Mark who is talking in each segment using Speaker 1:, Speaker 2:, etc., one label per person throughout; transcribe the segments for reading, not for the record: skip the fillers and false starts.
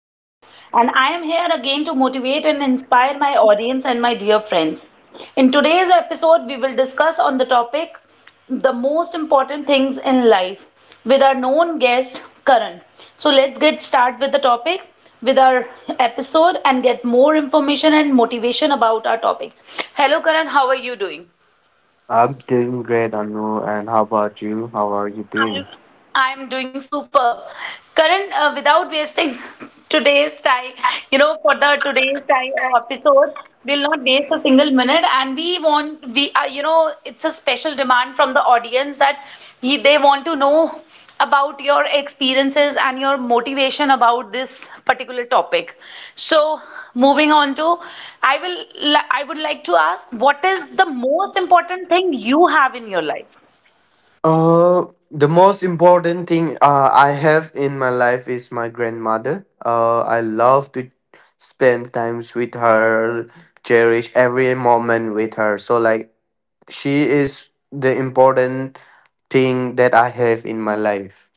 Speaker 1: Anu, and I am here again to motivate and inspire my audience and my dear friends. In today's episode, we will discuss on the topic the most important things in life with our known guest, Karan. So let's get start with the topic with our episode and get more information and motivation about our topic. Hello, Karan. How are you doing?
Speaker 2: I'm doing great, Anu. And how about you? How are you
Speaker 1: I'm
Speaker 2: doing?
Speaker 1: I'm doing superb. Karan, without wasting today's time, for the today's time episode, we'll not waste a single minute, and we want we you know, it's a special demand from the audience that they want to know about your experiences and your motivation about this particular topic. So, moving on to, I will I would like to ask, what is the most important thing you have in your life?
Speaker 2: The most important thing I have in my life is my grandmother. I love to spend times with her, cherish every moment with her. So like she is the important thing that I have in my life.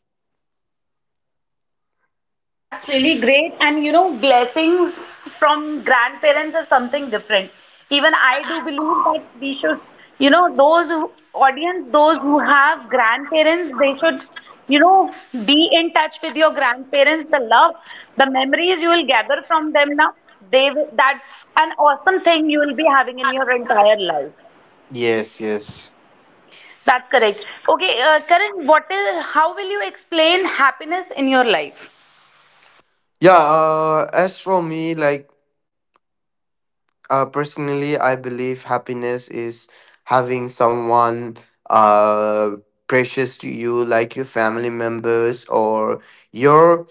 Speaker 1: That's really great. And blessings from grandparents is something different. Even I do believe that we should, those who, audience, those who have grandparents, they should, you know, be in touch with your grandparents. The love, the memories you will gather from them now, that's an awesome thing you will be having in your entire life.
Speaker 2: Yes, yes.
Speaker 1: That's correct. Okay, Karan, what is? How will you explain happiness in your life?
Speaker 2: Yeah, as for me, like personally, I believe happiness is having someone uh precious to you, like your family members or your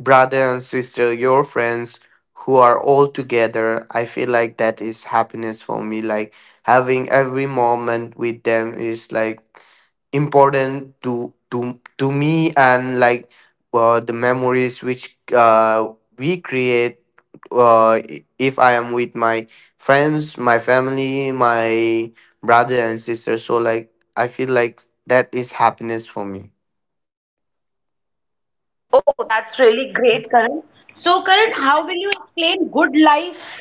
Speaker 2: brother and sister, your friends who are all together. I feel like that is happiness for me. Like having every moment with them is like important to me, and like the memories which we create, if I am with my friends, my family, my brother and sister. So like I feel like that is happiness for me.
Speaker 1: Oh, that's really great, Karan. So, Karan, how will you explain good life?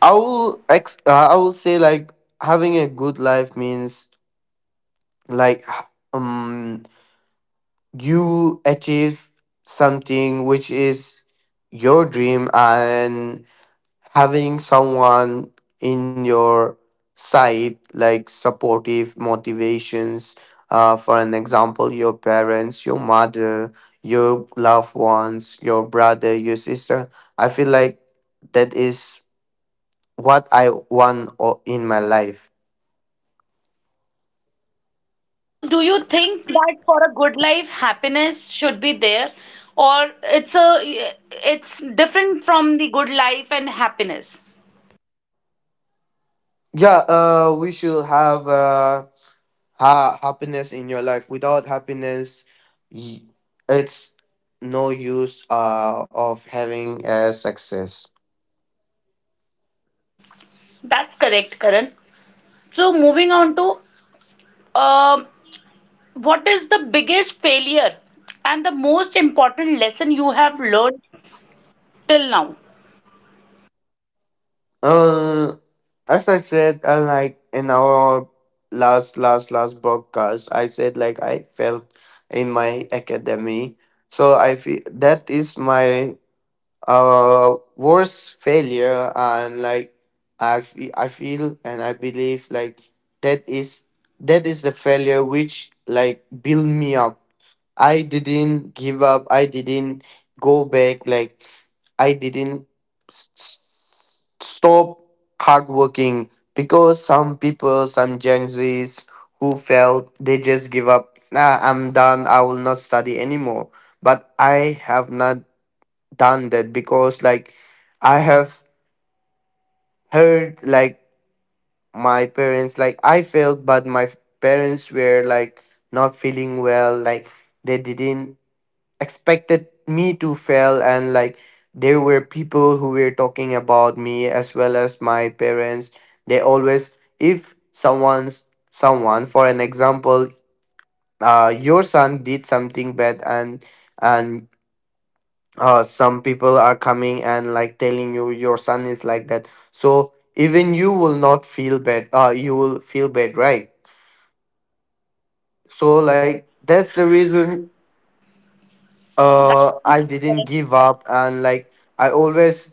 Speaker 2: I will say like having a good life means like you achieve something which is your dream, and having someone in your side like supportive motivations, for an example your parents, your mother, your loved ones, your brother, your sister. I feel like that is what I want in my life.
Speaker 1: So, do you think that for a good life, happiness should be there, or it's different from the good life and happiness?
Speaker 2: Yeah, we should have happiness in your life. Without happiness, y- it's no use of having a success.
Speaker 1: That's correct, Karan. So, moving on to um what is the biggest failure and the most important lesson you have learned till now?
Speaker 2: Uh, as I said, like in our last broadcast, I said like I felt in my academy. So I feel that is my worst failure, and like I feel and I believe like that is that is the failure which like build me up. I didn't give up, I didn't go back, like I didn't stop hard working, because some people, some Gen Z's, who felt they just give up, nah, I'm done, I will not study anymore. But I have not done that because like I have heard, like my parents, like I failed, but my parents were like not feeling well, like they didn't expected me to fail. And like there were people who were talking about me as well as my parents. They always, if someone's, someone, for an example, your son did something bad, and some people are coming and like telling you your son is like that, so even you will not feel bad, you will feel bad, right? So like that's the reason
Speaker 1: That's
Speaker 2: I
Speaker 1: correct,
Speaker 2: didn't
Speaker 1: Karan.
Speaker 2: give up, and like I always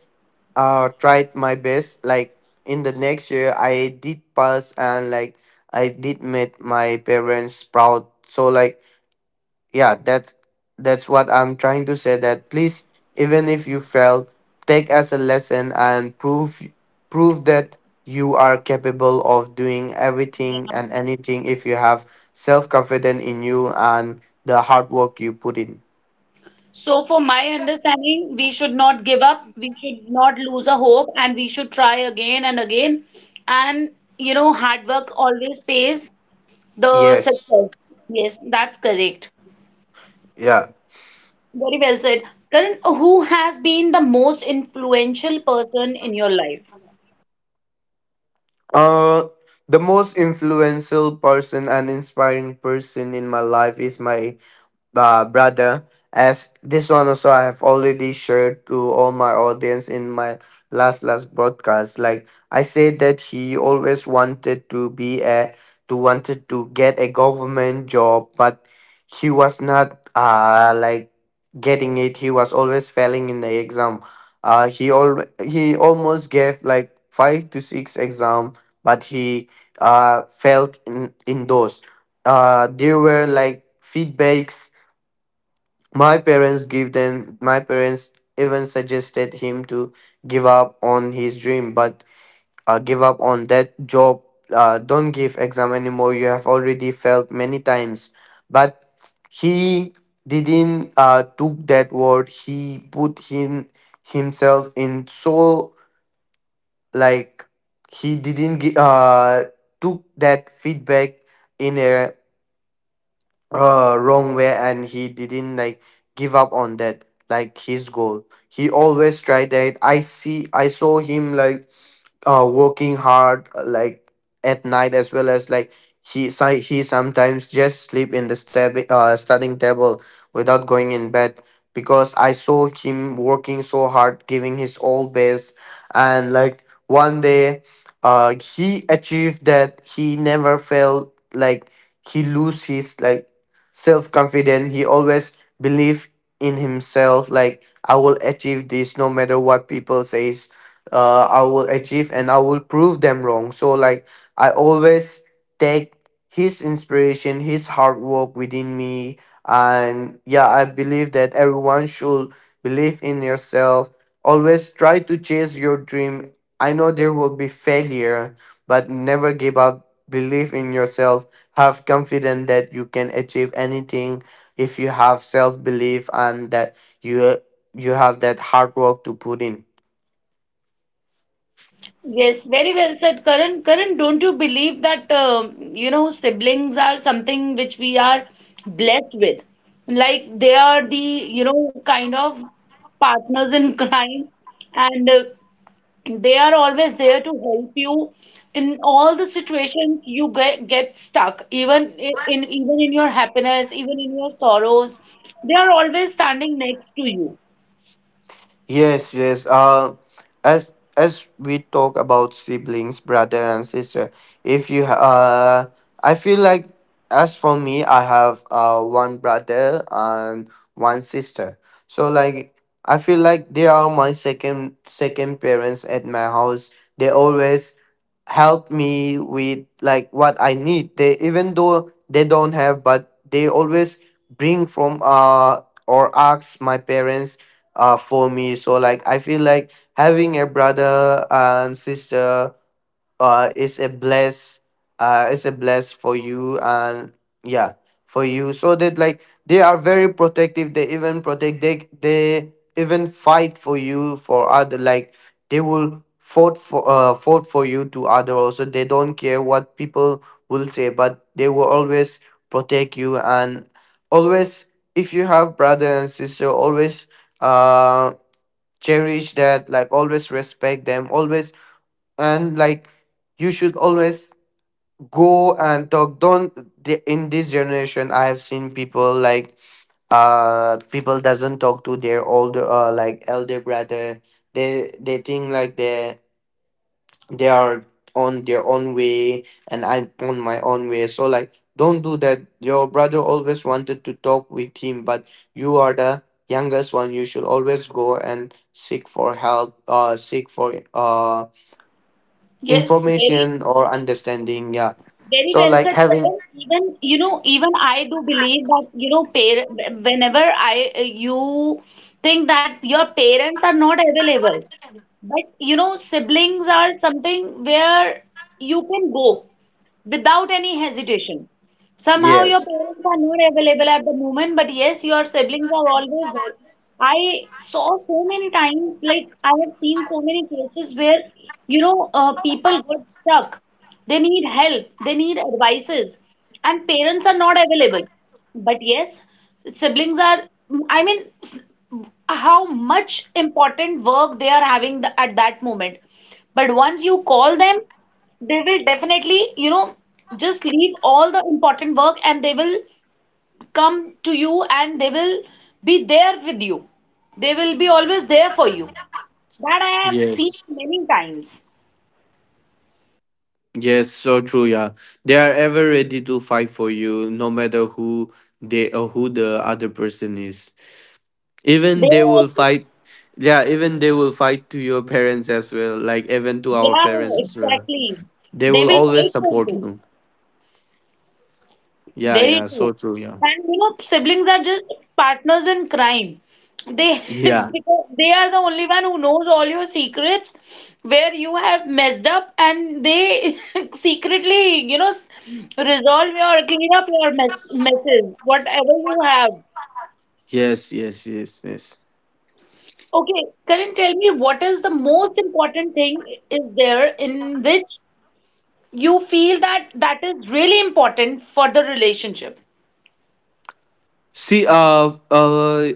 Speaker 2: tried my best, like in the next year I did pass, and like I did make my parents proud. So like, yeah, that's what I'm trying to say, that please, even if you fail, take as a lesson and prove that you are capable of doing everything and anything if you have self confidence in you and the hard work you put in.
Speaker 1: So, for my understanding, we should not give up, we should not lose a hope, and we should try again and again. And hard work always pays the
Speaker 2: Yes.
Speaker 1: success. Yes, that's correct.
Speaker 2: Yeah.
Speaker 1: Very well said. Karan, who has been the most influential person in your life?
Speaker 2: uh the most influential person and inspiring person in my life is my brother, as this one also I have already shared to all my audience in my last broadcast. Like I said that he always wanted to get a government job, but he was not like getting it. He was always failing in the exam. He almost gave like five to six exam, but he failed in those. There were like feedbacks my parents gave them. My parents even suggested him to give up on his dream, but give up on that job. Don't give exam anymore. You have already failed many times. But he didn't took that word. He put himself in, so like he didn't took that feedback in a wrong way, and he didn't like give up on that, like his goal. He always tried that. I saw him like working hard, like at night as well as like he sometimes just sleep in the studying table without going in bed, because I saw him working so hard, giving his all best. And like one day, he achieved that. He never felt like he lose his like self confidence. He always believed in himself, like I will achieve this no matter what people says. I will achieve and I will prove them wrong. So like I always take his inspiration, his hard work within me, and yeah, I believe that everyone should believe in yourself. Always try to chase your dream. I know there will be failure, but never give up. Believe in yourself. Have confidence that you can achieve anything if you have self belief and that you have that hard work to put in.
Speaker 1: Yes, very well said, Karan. Karan, don't you believe that siblings are something which we are blessed with? Like they are the kind of partners in crime, and they are always there to help you in all the situations you get stuck, even in your happiness, even in your sorrows. They are always standing next to you.
Speaker 2: Yes, yes. As we talk about siblings, brother and sister, if you ha- I feel like, as for me, I have one brother and one sister. So like I feel like they are my second parents at my house. They always help me with like what I need. They, even though they don't have, but they always bring from or ask my parents for me. So like I feel like having a brother and sister, uh it's a bless it's a bless for you, and yeah, for you, so that like they are very protective. They even protect, they even fight for you for other, like they will fought for you to other also. They don't care what people will say, but they will always protect you. And always, if you have brother and sister, always uh cherish that, like always respect them always. And like you should always go and talk, don't, in this generation I have seen people like, people doesn't talk to their older, like elder brother. They think like they are on their own way and I'm on my own way, so like don't do that. Your brother always wanted to talk with him, but you are the youngest one. You should always go and seek for help, seek for
Speaker 1: Yes, very.
Speaker 2: information or understanding. Yeah,
Speaker 1: Very
Speaker 2: so
Speaker 1: well
Speaker 2: like
Speaker 1: said,
Speaker 2: having.
Speaker 1: Karan. Even even I do believe that you know, par whenever I you think that your parents are not available, but siblings are something where you can go without any hesitation. Somehow your
Speaker 2: Yes,
Speaker 1: parents are not available at the moment, but yes, your siblings are always there. I saw so many times, like I have seen so many cases where, people get stuck. They need help, they need advices, and parents are not available. But yes, siblings are, I mean, how much important work they are having at that moment. But once you call them, they will definitely just leave all the important work, and they will come to you, and they will be there with you. They will be always there for you. That I have seen
Speaker 2: yes,
Speaker 1: many times.
Speaker 2: yes, so true, yeah. They are ever ready to fight for you, no matter who they or who the other person is.
Speaker 1: They
Speaker 2: Even they
Speaker 1: are
Speaker 2: will
Speaker 1: also.
Speaker 2: fight. Yeah, even they will fight to your parents as well, like even to our
Speaker 1: Yeah,
Speaker 2: parents as well.
Speaker 1: exactly,
Speaker 2: They
Speaker 1: they
Speaker 2: will
Speaker 1: will
Speaker 2: always
Speaker 1: fight for
Speaker 2: support
Speaker 1: you.
Speaker 2: you. Yeah,
Speaker 1: Very
Speaker 2: yeah,
Speaker 1: true.
Speaker 2: so true, yeah.
Speaker 1: And siblings are just partners in crime. They
Speaker 2: Yeah.
Speaker 1: because they are the only one who knows all your secrets where you have messed up, and they secretly, resolve your, clean up your messes, whatever you have.
Speaker 2: Yes, yes, yes, yes.
Speaker 1: Okay, Karan, tell me what is the most important thing is there in which you feel that that is really important for the relationship?
Speaker 2: See,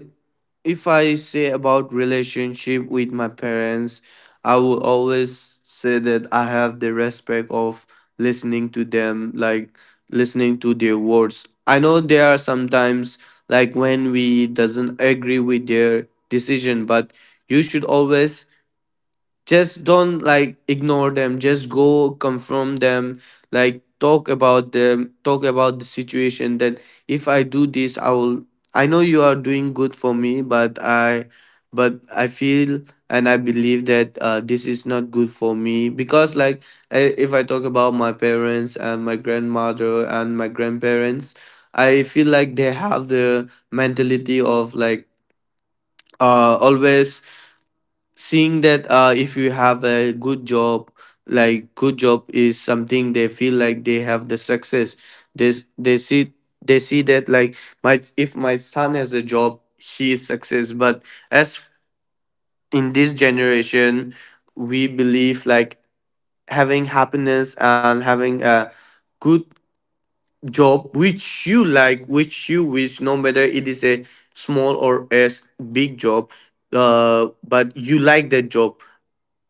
Speaker 2: if I say about relationship with my parents, I will always say that I have the respect of listening to them, like listening to their words. I know there are sometimes, like when we doesn't agree with their decision, but you should always just don't like ignore them. Just go confront them, like talk about them, talk about the situation, that if I do this, I will, I know you are doing good for me, but I feel and I believe that, this is not good for me, because like if I talk about my parents and my grandmother and my grandparents, I feel like they have the mentality of like, always seeing that, if you have a good job, like good job is something they feel like they have the success. They, s- they see they see that like my, if my son has a job, he is success. But as in this generation, we believe like having happiness and having a good job which you like, which you wish, no matter it is a small or as big job, but you like that job.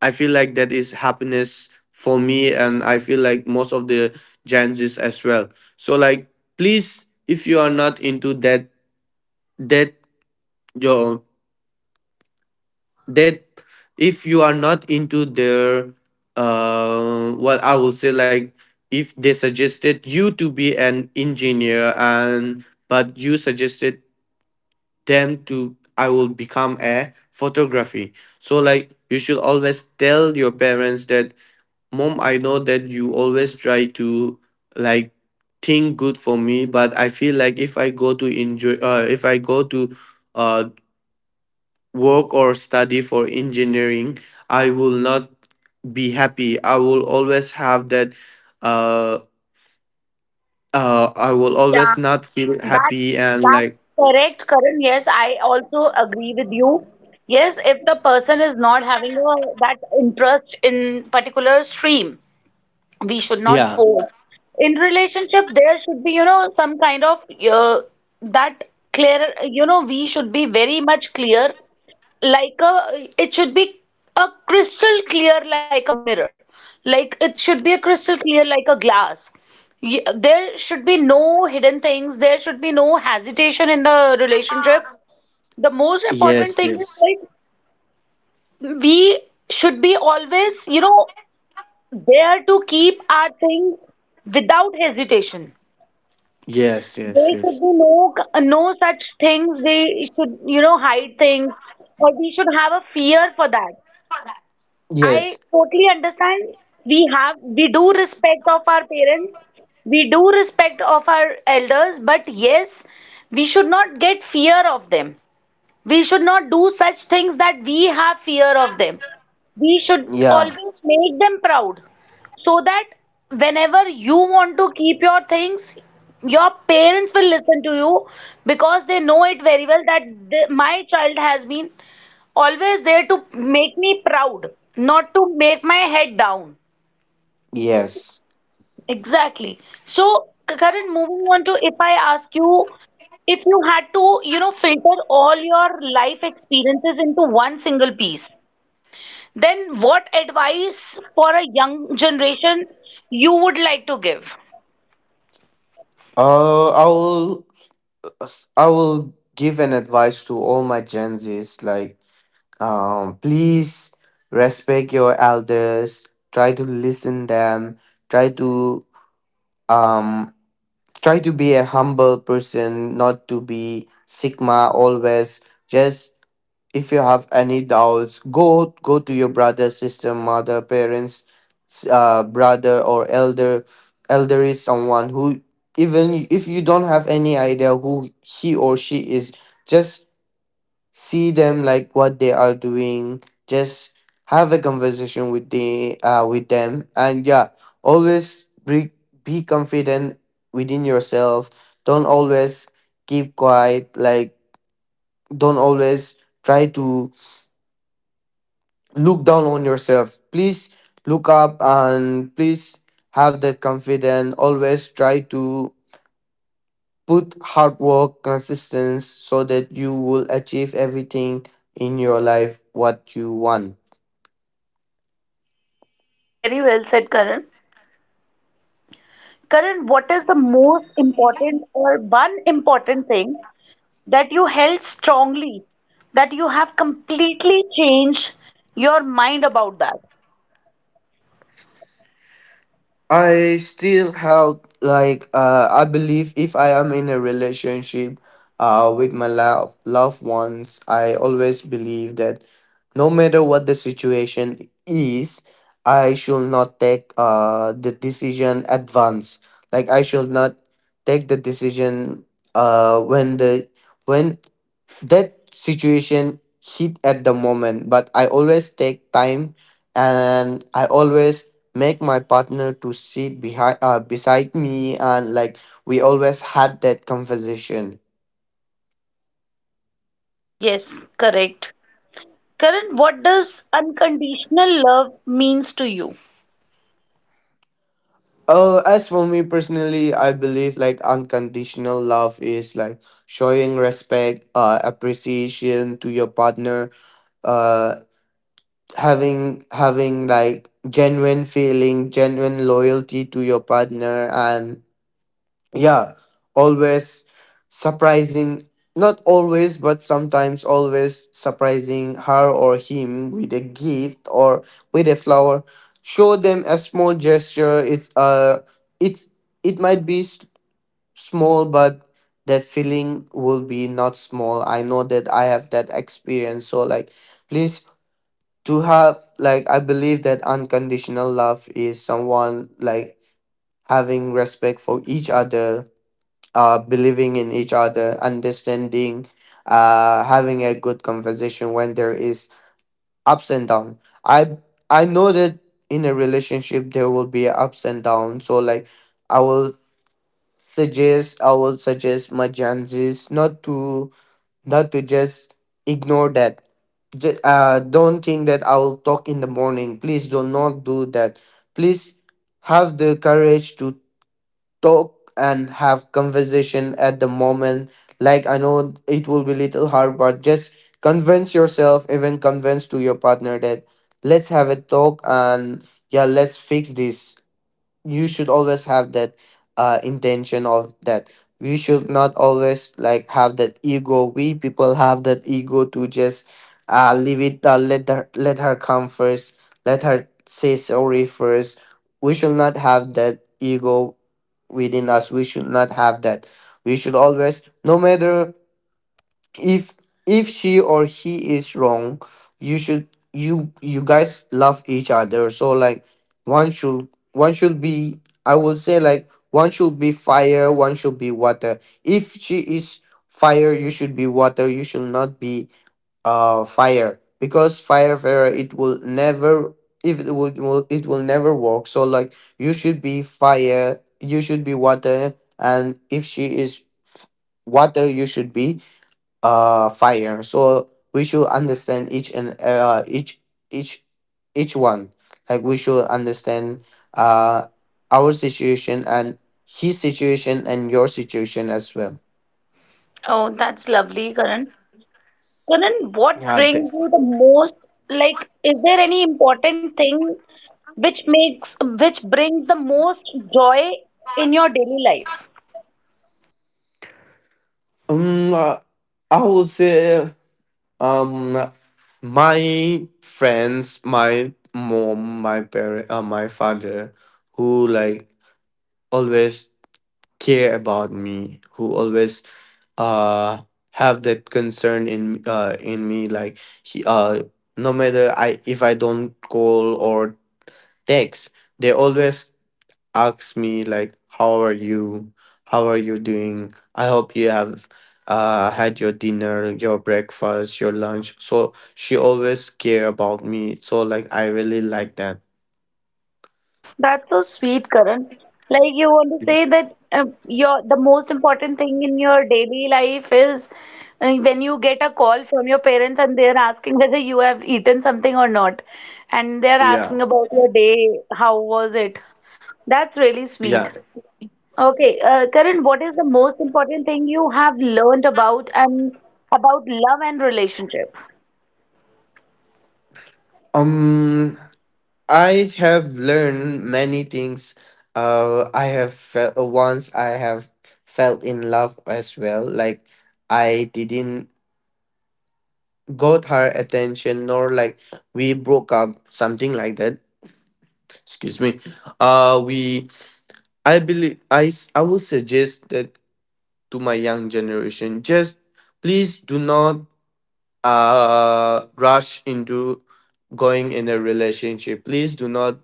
Speaker 2: I feel like that is happiness for me, and I feel like most of the Gen Zs as well. So like, please, if you are not into that your that, if you are not into their, what I will say like, if they suggested you to be an engineer and but you suggested them to, I will become a photography. So like you should always tell your parents that Mom, I know that you always try to like think good for me, but I feel like if I go to enjoy, if I go to uh, work or study for engineering, I will not be happy. I will always have that. Uh, I will
Speaker 1: Yeah.
Speaker 2: always not feel
Speaker 1: That's
Speaker 2: happy, and
Speaker 1: that's
Speaker 2: like
Speaker 1: correct, Karan. Yes, I also agree with you. Yes, if the person is not having that interest in particular stream, we should not
Speaker 2: yeah.
Speaker 1: force. In relationship, there should be, some kind of uh, that clear, we should be very much clear, it should be a crystal clear like a mirror. Like it should be a crystal clear like a glass. There should be no hidden things. There should be no hesitation in the relationship. The most important
Speaker 2: Yes.
Speaker 1: thing
Speaker 2: Yes.
Speaker 1: is like we should be always, there to keep our things without hesitation.
Speaker 2: Yes.
Speaker 1: There
Speaker 2: Yes.
Speaker 1: should
Speaker 2: Yes.
Speaker 1: be no such things. We should, hide things, or we should have a fear for that.
Speaker 2: Yes.
Speaker 1: I totally understand. We do respect of our parents. We do respect of our elders, but yes, we should not get fear of them. We should not do such things that we have fear of them. We should
Speaker 2: Yeah.
Speaker 1: always make them proud so that whenever you want to keep your things, your parents will listen to you, because they know it very well that my child has been always there to make me proud, not to make my head down.
Speaker 2: Yes.
Speaker 1: Exactly. So current, moving on to, if I ask you, if you had to filter all your life experiences into one single piece, then what advice for a young generation you would like to give.
Speaker 2: I will. I will give an advice to all my Gen Zs like, please respect your elders, try to listen them, try to um try to be a humble person, not to be sigma always. Just if you have any doubts go to your brother, sister, mother, parents brother or elder. Elder is someone who, even if you don't have any idea who he or she is, just see them like what they are doing. Just have a conversation with the with them, and yeah, always be confident within yourself. Don't always keep quiet, like don't always try to look down on yourself. Please look up and please have that confidence. Always try to put hard work, consistency, so that you will achieve everything in your life what you want.
Speaker 1: Very well said, Karan. Karan, what is the most important or one important thing that you held strongly, that you have completely changed your mind about that?
Speaker 2: I still have like I believe if I am in a relationship with my loved ones, I always believe that no matter what the situation is, I should not take the decision advance. Like I should not take the decision when the when that situation hit at the moment, but I always take time, and I always make my partner to sit behind beside me, and like we always had that conversation.
Speaker 1: Yes, correct. Karan, what does unconditional love means to you?
Speaker 2: As for me personally, I believe like unconditional love is like showing respect, appreciation to your partner, uh having like genuine feeling, genuine loyalty to your partner, and yeah, always surprising, not always but sometimes, always surprising her or him with a gift or with a flower. Show them a small gesture. It's it it might be small, but that feeling will be not small. I know that, I have that experience. So like, please, to have, like I believe that unconditional love is someone like having respect for each other, believing in each other, understanding, having a good conversation when there is ups and down. I I know that in a relationship there will be ups and downs. So like I will suggest, I will suggest my chances not to, not to just ignore that. Don't think that I will talk in the morning. Please do not do that. Please have the courage to talk and have conversation at the moment. Like I know it will be little hard, but just convince yourself, even convince to your partner that let's have a talk and yeah, let's fix this. You should always have that intention of that. We should not always like have that ego. We people have that ego to just leave it. Let her, let her come first, let her say sorry first. We should not have that ego within us, we should not have that. We should always, no matter, if if she or he is wrong, you should, you guys love each other. So like one should, one should be, I will say like one should be fire, one should be water. If she is fire, you should be water. You should not be fire, because fire it will never, if it it will never work. So like you should be fire, you should be water, and if she is water, you should be fire. So we should understand each, and each each one, like we should understand uh our situation and his situation and your situation as well.
Speaker 1: Oh, that's lovely, Karan. Karan, what
Speaker 2: Yeah, I think.
Speaker 1: brings you the most, like, is there any important thing which makes, which brings the most joy in your daily life?
Speaker 2: um uh, I would say, um my friends, my mom, my parent, my father, who like always care about me, who always uh have that concern in me. Like he no matter I if I don't call or text, they always ask me like, how are you, how are you doing, I hope you have had your dinner, your breakfast, your lunch. So she always care about me, so like I really like that.
Speaker 1: That's so sweet, Karan. Like you want to say that your the most important thing in your daily life is when you get a call from your parents and they're asking whether you have eaten something or not, and they're
Speaker 2: Yeah.
Speaker 1: asking about your day, how was it? That's really
Speaker 2: Yeah.
Speaker 1: sweet. Okay, Karan, what is the most important thing you have learned about love and relationship?
Speaker 2: um I have learned many things. I have felt, once I have felt in love as well. Like I didn't got her attention, nor like we broke up, something like that. Excuse me. We. I believe I. s- I will suggest that to my young generation. Just please do not rush into going in a relationship. Please do not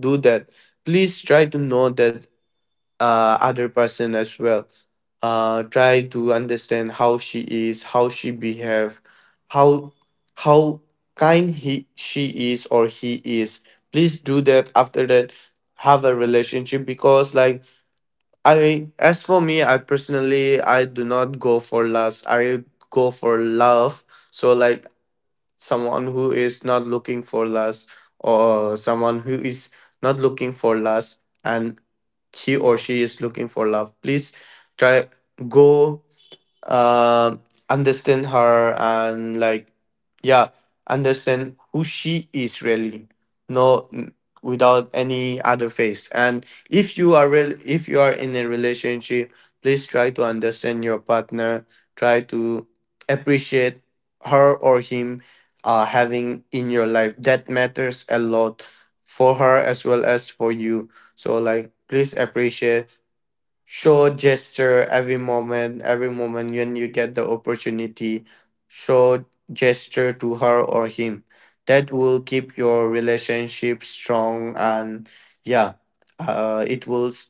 Speaker 2: do that. Please try to know that other person as well. Try to understand how she is, how she behave, how how kind he she is or he is. Please do that. After that, have a relationship. Because like I as for me, I personally I do not go for lust. I go for love. So like someone who is not looking for lust, or someone who is not looking for lust and he or she is looking for love, please try, go, uh, understand her, and like yeah, understand who she is really, no n- without any other face. And if you are real, if you are in a relationship, please try to understand your partner, try to appreciate her or him. Having in your life, that matters a lot for her as well as for you. So like please appreciate, show gesture every moment, every moment when you get the opportunity, show gesture to her or him. That will keep your relationship strong, and yeah, uh, it will s-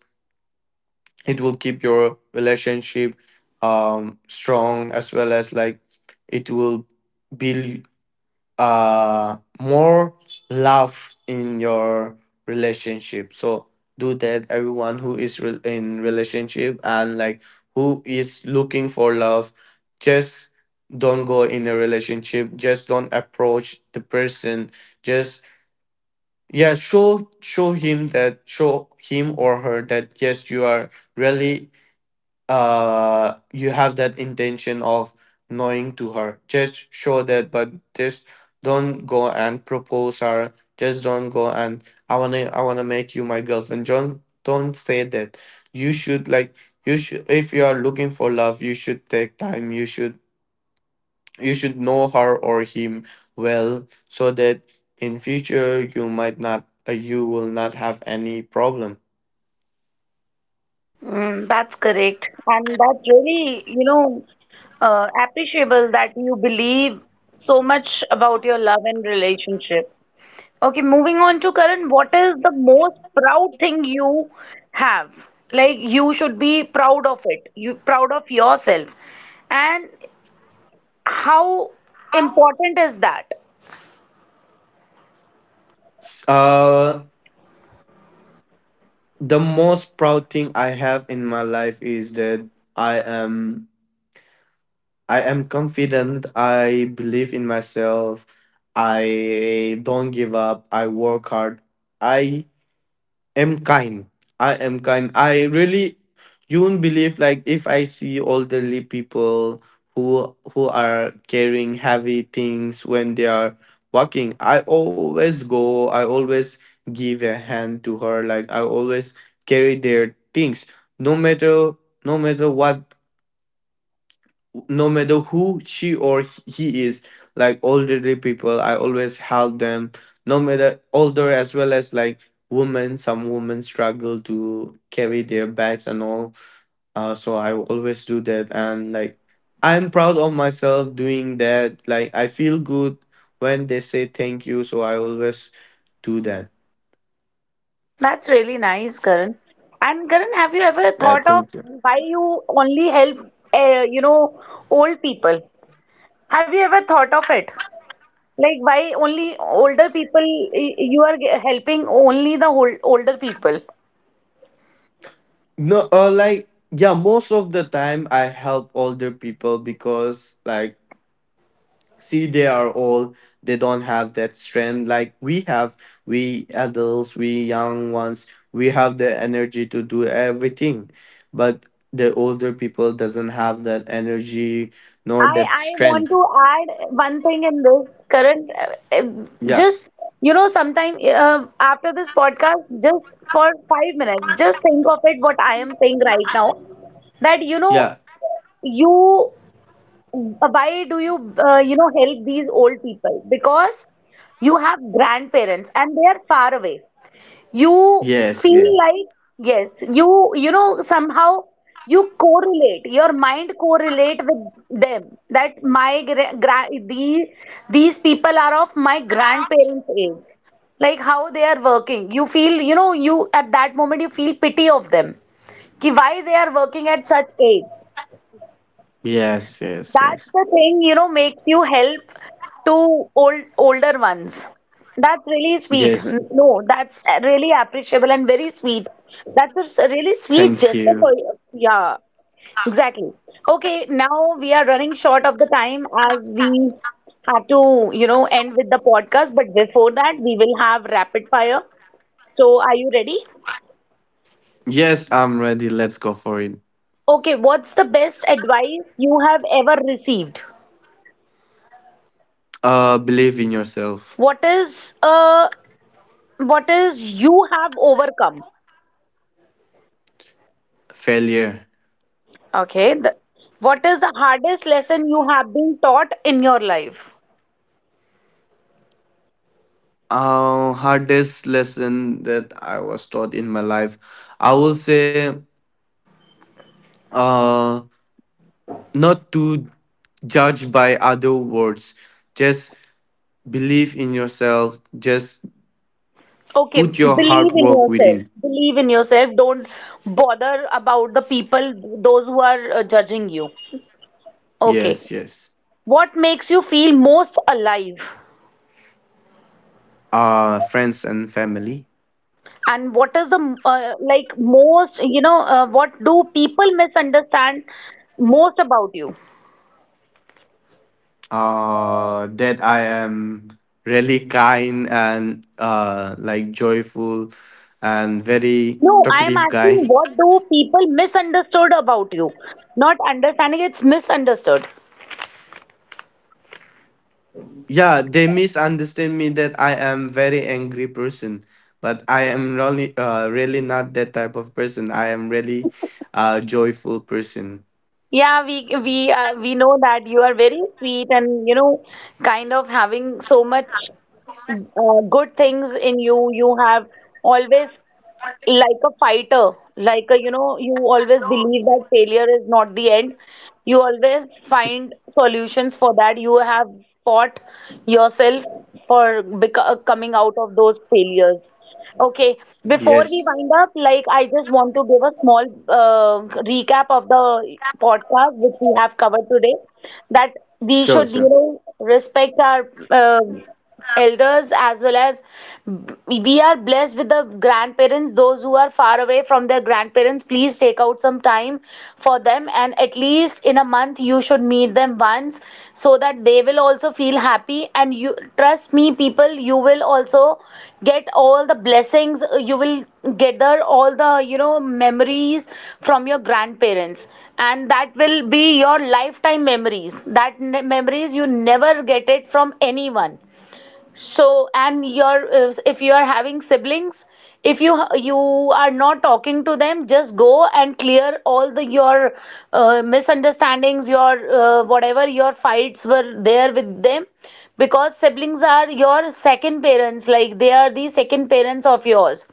Speaker 2: it will keep your relationship strong, as well as like it will build more love in your relationship. So do that, everyone who is in relationship, and like who is looking for love, just don't go in a relationship, just don't approach the person, just yeah, show him that, show him or her that yes, you are really you have that intention of knowing to her. Just show that, but just don't go and propose her, just don't go and, I want to make you my girlfriend. Don't say that. You should like, you should, if you are looking for love, you should take time, you should, you should know her or him well, so that in future you might not you will not have any problem.
Speaker 1: Mm, that's correct. And that's really, appreciable that you believe so much about your love and relationship. Okay, moving on to Karan, what is the most proud thing you have? Like you should be proud of it. You proud of yourself. And how important is that?
Speaker 2: S- uh the most proud thing I have in my life is that I am I am confident. I believe in myself. I don't give up. I work hard. I am kind. I am kind. I really, you won't believe. Like if I see elderly people who are carrying heavy things when they are walking, I always go, I always give a hand to her. Like I always carry their things, no matter, no matter what, no matter who she or he is. Like elderly people, I always help them, no matter older, as well as like women, some women struggle to carry their bags and all. So I always do that, and like I'm proud of myself doing that, like I feel good when they say thank you, so I always do that.
Speaker 1: That's really nice, Karan. And Karan, have you ever
Speaker 2: Yeah,
Speaker 1: thought of
Speaker 2: thank you.
Speaker 1: why you only help, uh, you know, old people? Have you ever thought of it? Like, why only older people? You are helping only the older people.
Speaker 2: No, like yeah, most of the time I help older people because like, see, they are old, they don't have that strength like we have. We adults, we young ones, we have the energy to do everything, but the older people doesn't have that energy, nor
Speaker 1: I
Speaker 2: that
Speaker 1: I want
Speaker 2: strength.
Speaker 1: to add one thing in this current.
Speaker 2: Yeah.
Speaker 1: Just sometime after this podcast, just for 5 minutes, just think of it. What I am saying right now, that
Speaker 2: Yeah.
Speaker 1: you why do help these old people? Because you have grandparents and they are far away, you
Speaker 2: Yes.
Speaker 1: feel
Speaker 2: Yeah.
Speaker 1: like, yes, somehow you correlate, your mind correlate with them, that my these people are of my grandparents age. Like how they are working, you feel, you, at that moment, you feel pity of them, ki why they are working at such age.
Speaker 2: Yes, yes,
Speaker 1: That's
Speaker 2: yes.
Speaker 1: the thing, makes you help to older ones. That's really sweet.
Speaker 2: Yes,
Speaker 1: No, that's really appreciable and very sweet. That's a really sweet
Speaker 2: thank
Speaker 1: gesture for
Speaker 2: you.
Speaker 1: you. Yeah, exactly. Okay, now we are running short of the time, as we have to, end with the podcast. But before that, we will have rapid fire. So, are you ready?
Speaker 2: Yes, I'm ready, let's go for it.
Speaker 1: Okay, what's the best advice you have ever received?
Speaker 2: Believe in yourself.
Speaker 1: What is a what is you have overcome.
Speaker 2: Failure.
Speaker 1: Okay, what is the hardest lesson you have been taught in your life?
Speaker 2: Uh, hardest lesson that I was taught in my life, I will say, uh, not to judge by other words. Just believe in yourself. Just
Speaker 1: Okay,
Speaker 2: put your hard
Speaker 1: believe in
Speaker 2: work
Speaker 1: yourself,
Speaker 2: within.
Speaker 1: believe in yourself, don't bother about the people, those who are judging you, okay?
Speaker 2: Yes, yes.
Speaker 1: What makes you feel most alive?
Speaker 2: Friends and family.
Speaker 1: And what is the like most what do people misunderstand most about you?
Speaker 2: That I am really kind and, like joyful and very
Speaker 1: No, I am
Speaker 2: talkative
Speaker 1: asking
Speaker 2: guy.
Speaker 1: what do people misunderstood about you? Not understanding, it's misunderstood.
Speaker 2: Yeah, they misunderstand me that I am very angry person, but I am really, really not that type of person, I am really a joyful person.
Speaker 1: Yeah, we know that you are very sweet, and kind of having so much good things in you. You have always like a fighter, like a you always believe that failure is not the end. You always find solutions for that. You have fought yourself for coming out of those failures. Okay, before we
Speaker 2: Yes.
Speaker 1: wind up, like I just want to give a small recap of the podcast which we have covered today, that we
Speaker 2: Sure,
Speaker 1: should
Speaker 2: sure.
Speaker 1: respect our elders, as well as we are blessed with the grandparents. Those who are far away from their grandparents, please take out some time for them, and at least in a month you should meet them once, so that they will also feel happy. And you trust me, people, you will also get all the blessings, you will gather all the memories from your grandparents, and that will be your lifetime memories, that memories you never get it from anyone. So, and your, if you are having siblings, if you are not talking to them, just go and clear all the your misunderstandings, your whatever your fights were there with them, because siblings are your second parents, like they are the second parents of yours.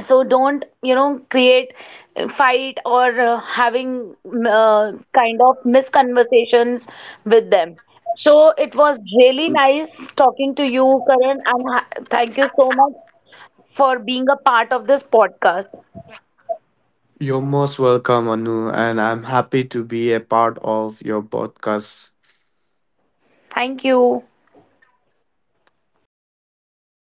Speaker 1: So don't create fight, or having kind of misconversations with them. So it was really nice talking to you, Karan, and thank you so much for being a part of this podcast.
Speaker 2: You're most welcome, Anu, and I'm happy to be a part of your podcast.